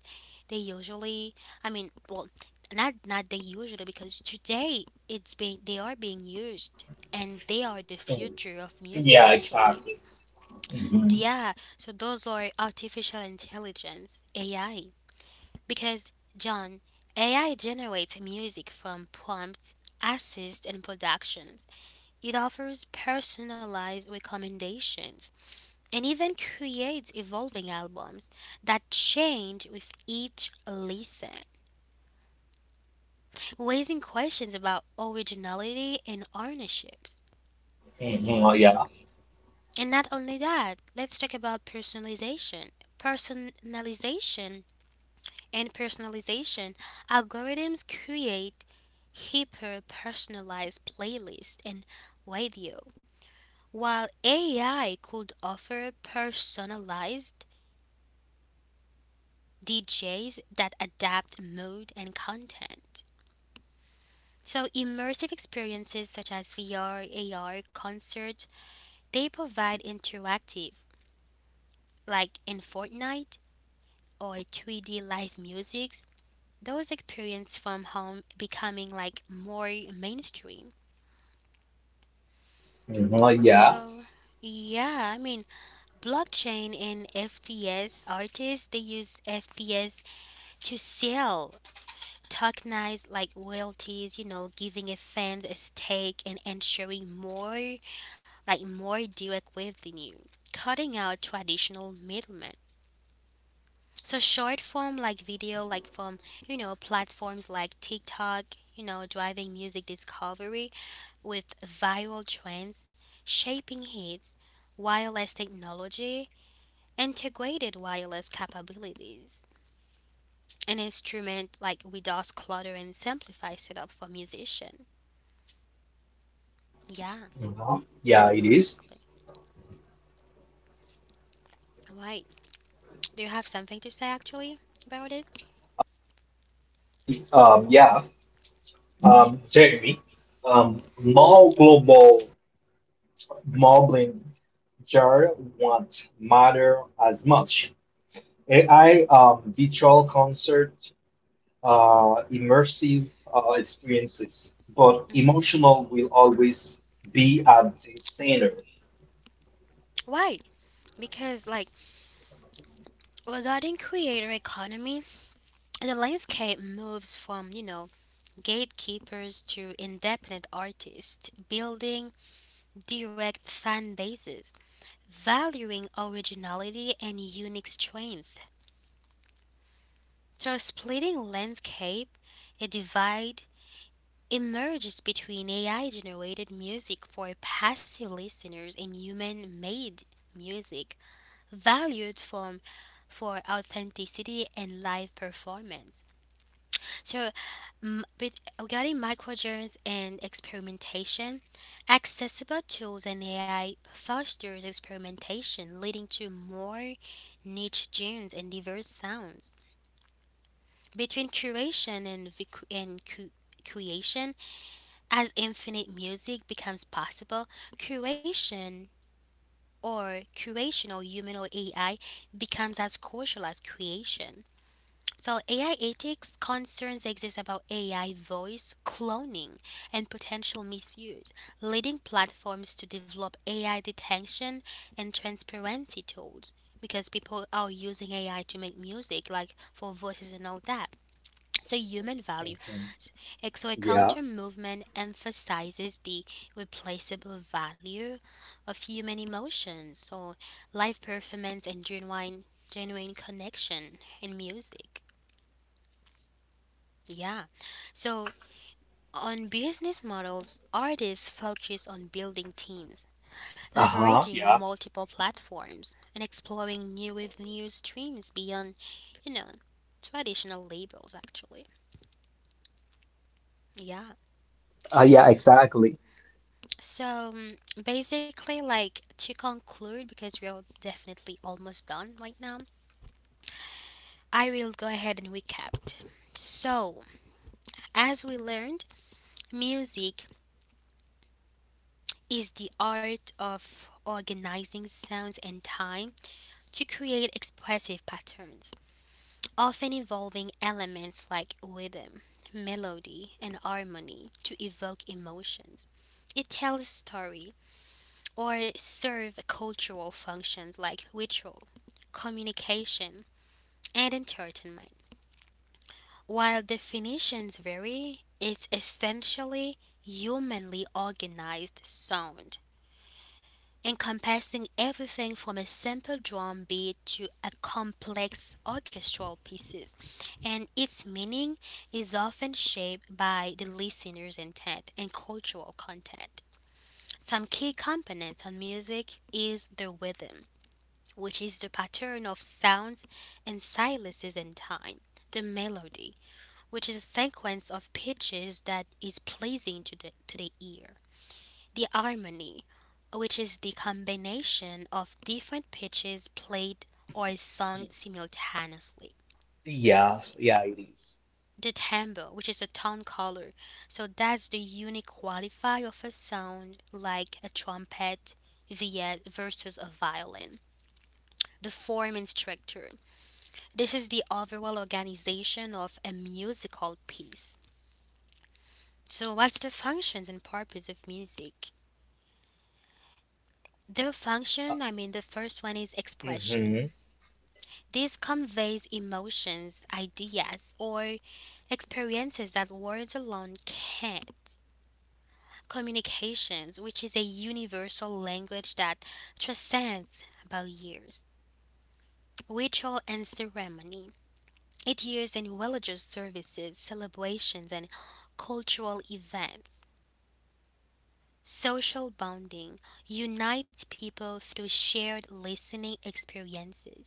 Speaker 1: they usually, I mean, well, not they usually because today it's being they are being used and they are the
Speaker 2: Mm,
Speaker 1: future of music
Speaker 2: yeah,
Speaker 1: actually.
Speaker 2: exactly. Hmm.
Speaker 1: Yeah, so those are artificial intelligence, AI, because John, AI generates music from prompts, assist and productions. It offers personalized recommendations and even creates evolving albums that change with each listen, raising questions about originality and ownerships.
Speaker 2: Hmm. Yeah.
Speaker 1: And not only that, let's talk about personalization. Personalization and personalization algorithms create hyper personalized playlists and radio, while AI could offer personalized DJs that adapt mode and content. So, immersive experiences such as VR, AR, concerts, they provide interactive, like in Fortnite or 3D live music, those experiences from home becoming like more mainstream.
Speaker 2: Hmm. Yeah.
Speaker 1: So, yeah, I mean, blockchain and FTS artists, they use FTS to sell tokenized like royalties, you know, giving a fan a stake and ensuring more, like more direct revenue, cutting out traditional middlemen. So short form like video, like from, you know, platforms like TikTok, you know, driving music discovery with viral trends, shaping hits, wireless technology, integrated wireless capabilities. An instrument like with DOS clutter and simplify setup for musician. Yeah,
Speaker 2: Hmm. Yeah, it is.
Speaker 1: exactly. Right. Do you have something to say actually about it?
Speaker 2: Yeah. Jeremy, more global modeling jar won't matter as much. AI, virtual concert, immersive experiences, but
Speaker 1: Hmm.
Speaker 2: emotional will always be at the center.
Speaker 1: Why? Because, like, regarding creator economy, the landscape moves from, you know, gatekeepers to independent artists, building direct fan bases, valuing originality and unique strength. So, splitting landscape, a divide emerges between AI generated music for passive listeners and human made music valued from for authenticity and live performance. So, but regarding microgenres and experimentation, accessible tools and AI fosters experimentation, leading to more niche genres and diverse sounds. Between curation and, creation, as infinite music becomes possible, curation or curational human or AI becomes as crucial as creation. So, AI ethics concerns exist about AI voice cloning and potential misuse, leading platforms to develop AI detection and transparency tools because people are using AI to make music, like for voices and all that. So human value.
Speaker 2: Mhm.
Speaker 1: S- So a
Speaker 2: Yeah.
Speaker 1: counter movement emphasizes the replaceable value of human emotions. So live performance and genuine connection in music. Yeah. So on business models, artists focus on building teams,
Speaker 2: Uh-huh,
Speaker 1: leveraging
Speaker 2: yeah.
Speaker 1: multiple platforms, and exploring new with new streams beyond, you know, traditional labels actually. Yeah.
Speaker 2: Yeah, exactly.
Speaker 1: So mm, basically, like to conclude, because we're definitely almost done right now, I will go ahead and recap. So, as we learned, music is the art of organizing sounds and time to create expressive patterns, often involving elements like rhythm, melody, and harmony to evoke emotions. It tells story, or serve cultural functions like ritual, communication, and entertainment. While definitions vary, it's essentially humanly organized sound, encompassing everything from a simple drum beat to a complex orchestral pieces, and its meaning is often shaped by the listener's intent and cultural content. Some key components on music is the rhythm, which is the pattern of sounds and silences in time. The melody, which is a sequence of pitches that is pleasing to the ear. The harmony, which is the combination of different pitches played or
Speaker 2: Mm.
Speaker 1: sung simultaneously.
Speaker 2: Yeah, yeah, it is.
Speaker 1: The timbre, which is a tone color, so that's the unique qualifier of a sound like a trumpet via versus a violin. The form and structure, this is the overall organization of a musical piece. So, what's the functions and purpose of music? The function, I mean, the first one is expression.
Speaker 2: Mm-hmm.
Speaker 1: This conveys emotions, ideas, or experiences that words alone can't. Communications, which is a universal language that transcends barriers. Ritual and ceremony. It used in religious services, celebrations, and cultural events. Social bonding unites people through shared listening experiences.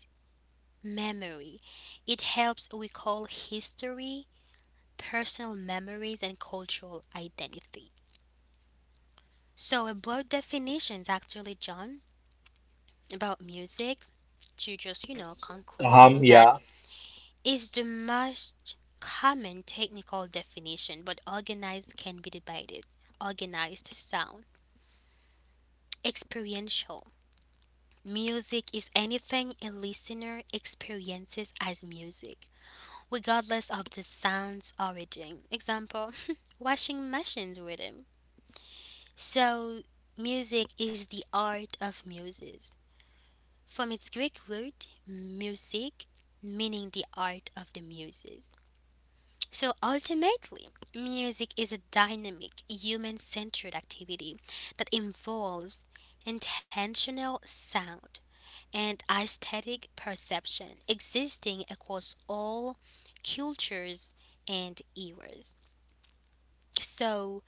Speaker 1: Memory, it helps recall history, personal memories, and cultural identity. So, a broad definitions actually, John, about music to just you know conclude is that
Speaker 2: Yeah.
Speaker 1: is the most common technical definition, but organized can be divided. Organized sound, experiential, music is anything a listener experiences as music, regardless of the sound's origin. Example, [laughs] washing machines rhythm. So, music is the art of muses. From its Greek root, music, meaning the art of the muses. So ultimately, music is a dynamic, human centered activity that involves intentional sound, and aesthetic perception existing across all cultures and eras. So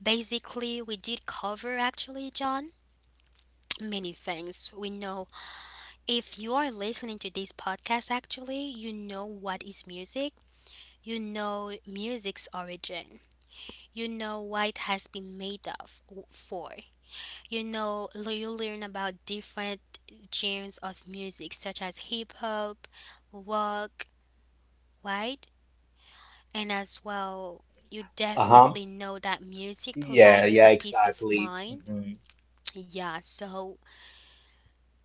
Speaker 1: basically, we did cover actually, John, many things. We know if you are listening to this podcast, actually, you know what is music, you know music's origin, you know what it has been made of for, you know, you learn about different genres of music such as hip hop, rock, right? And as well, you
Speaker 2: Uh-huh.
Speaker 1: definitely know that music
Speaker 2: Yeah,
Speaker 1: provide with
Speaker 2: yeah,
Speaker 1: a peace of
Speaker 2: exactly.
Speaker 1: mind.
Speaker 2: Mm-hmm.
Speaker 1: Yeah, so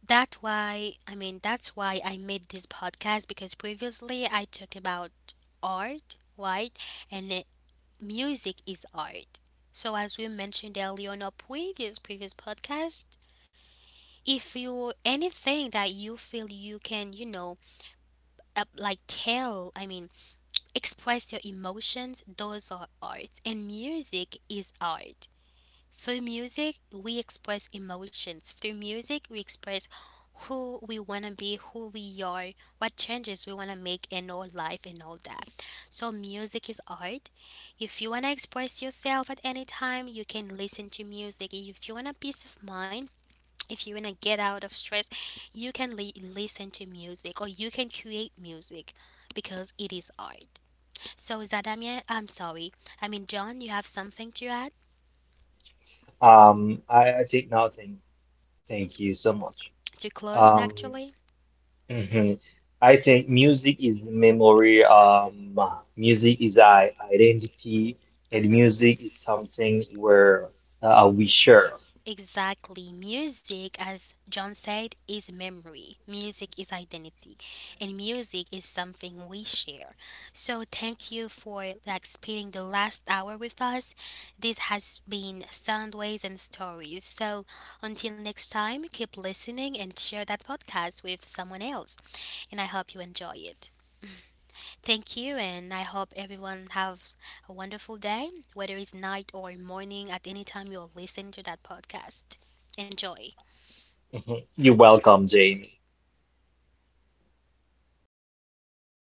Speaker 1: that's why that's why I made this podcast because previously I talked about art, right? And it, music is art. So as we mentioned earlier on our previous podcast, if you anything that you feel you can, you know, up, like tell, I mean, express your emotions, those are art. And music is art. Through music, we express emotions. Through music, we express who we want to be, who we are, what changes we want to make in our life, and all that. So, music is art. If you want to express yourself at any time, you can listen to music. If you want a peace of mind, if you want to get out of stress, you can listen to music or you can create music because it is art. So, Zadamia, I'm sorry. I mean, John, you have something to add?
Speaker 2: I think nothing. Thank you so much.
Speaker 1: To close,
Speaker 2: Um,
Speaker 1: actually?
Speaker 2: mhm. I think music is memory. Music is our identity, and
Speaker 1: Hmm.
Speaker 2: music is something where we share.
Speaker 1: Exactly. Music, as John said, is memory. Music is identity. And music is something we share. So, thank you for like spending the last hour with us. This has been Soundways and Stories. So, until next time, keep listening and share that podcast with someone else. And I hope you enjoy it. Thank you, and I hope everyone have a wonderful day, whether it's night or morning, at any time you're listening to that podcast. Enjoy.
Speaker 2: Mhm. You're welcome, Jamie.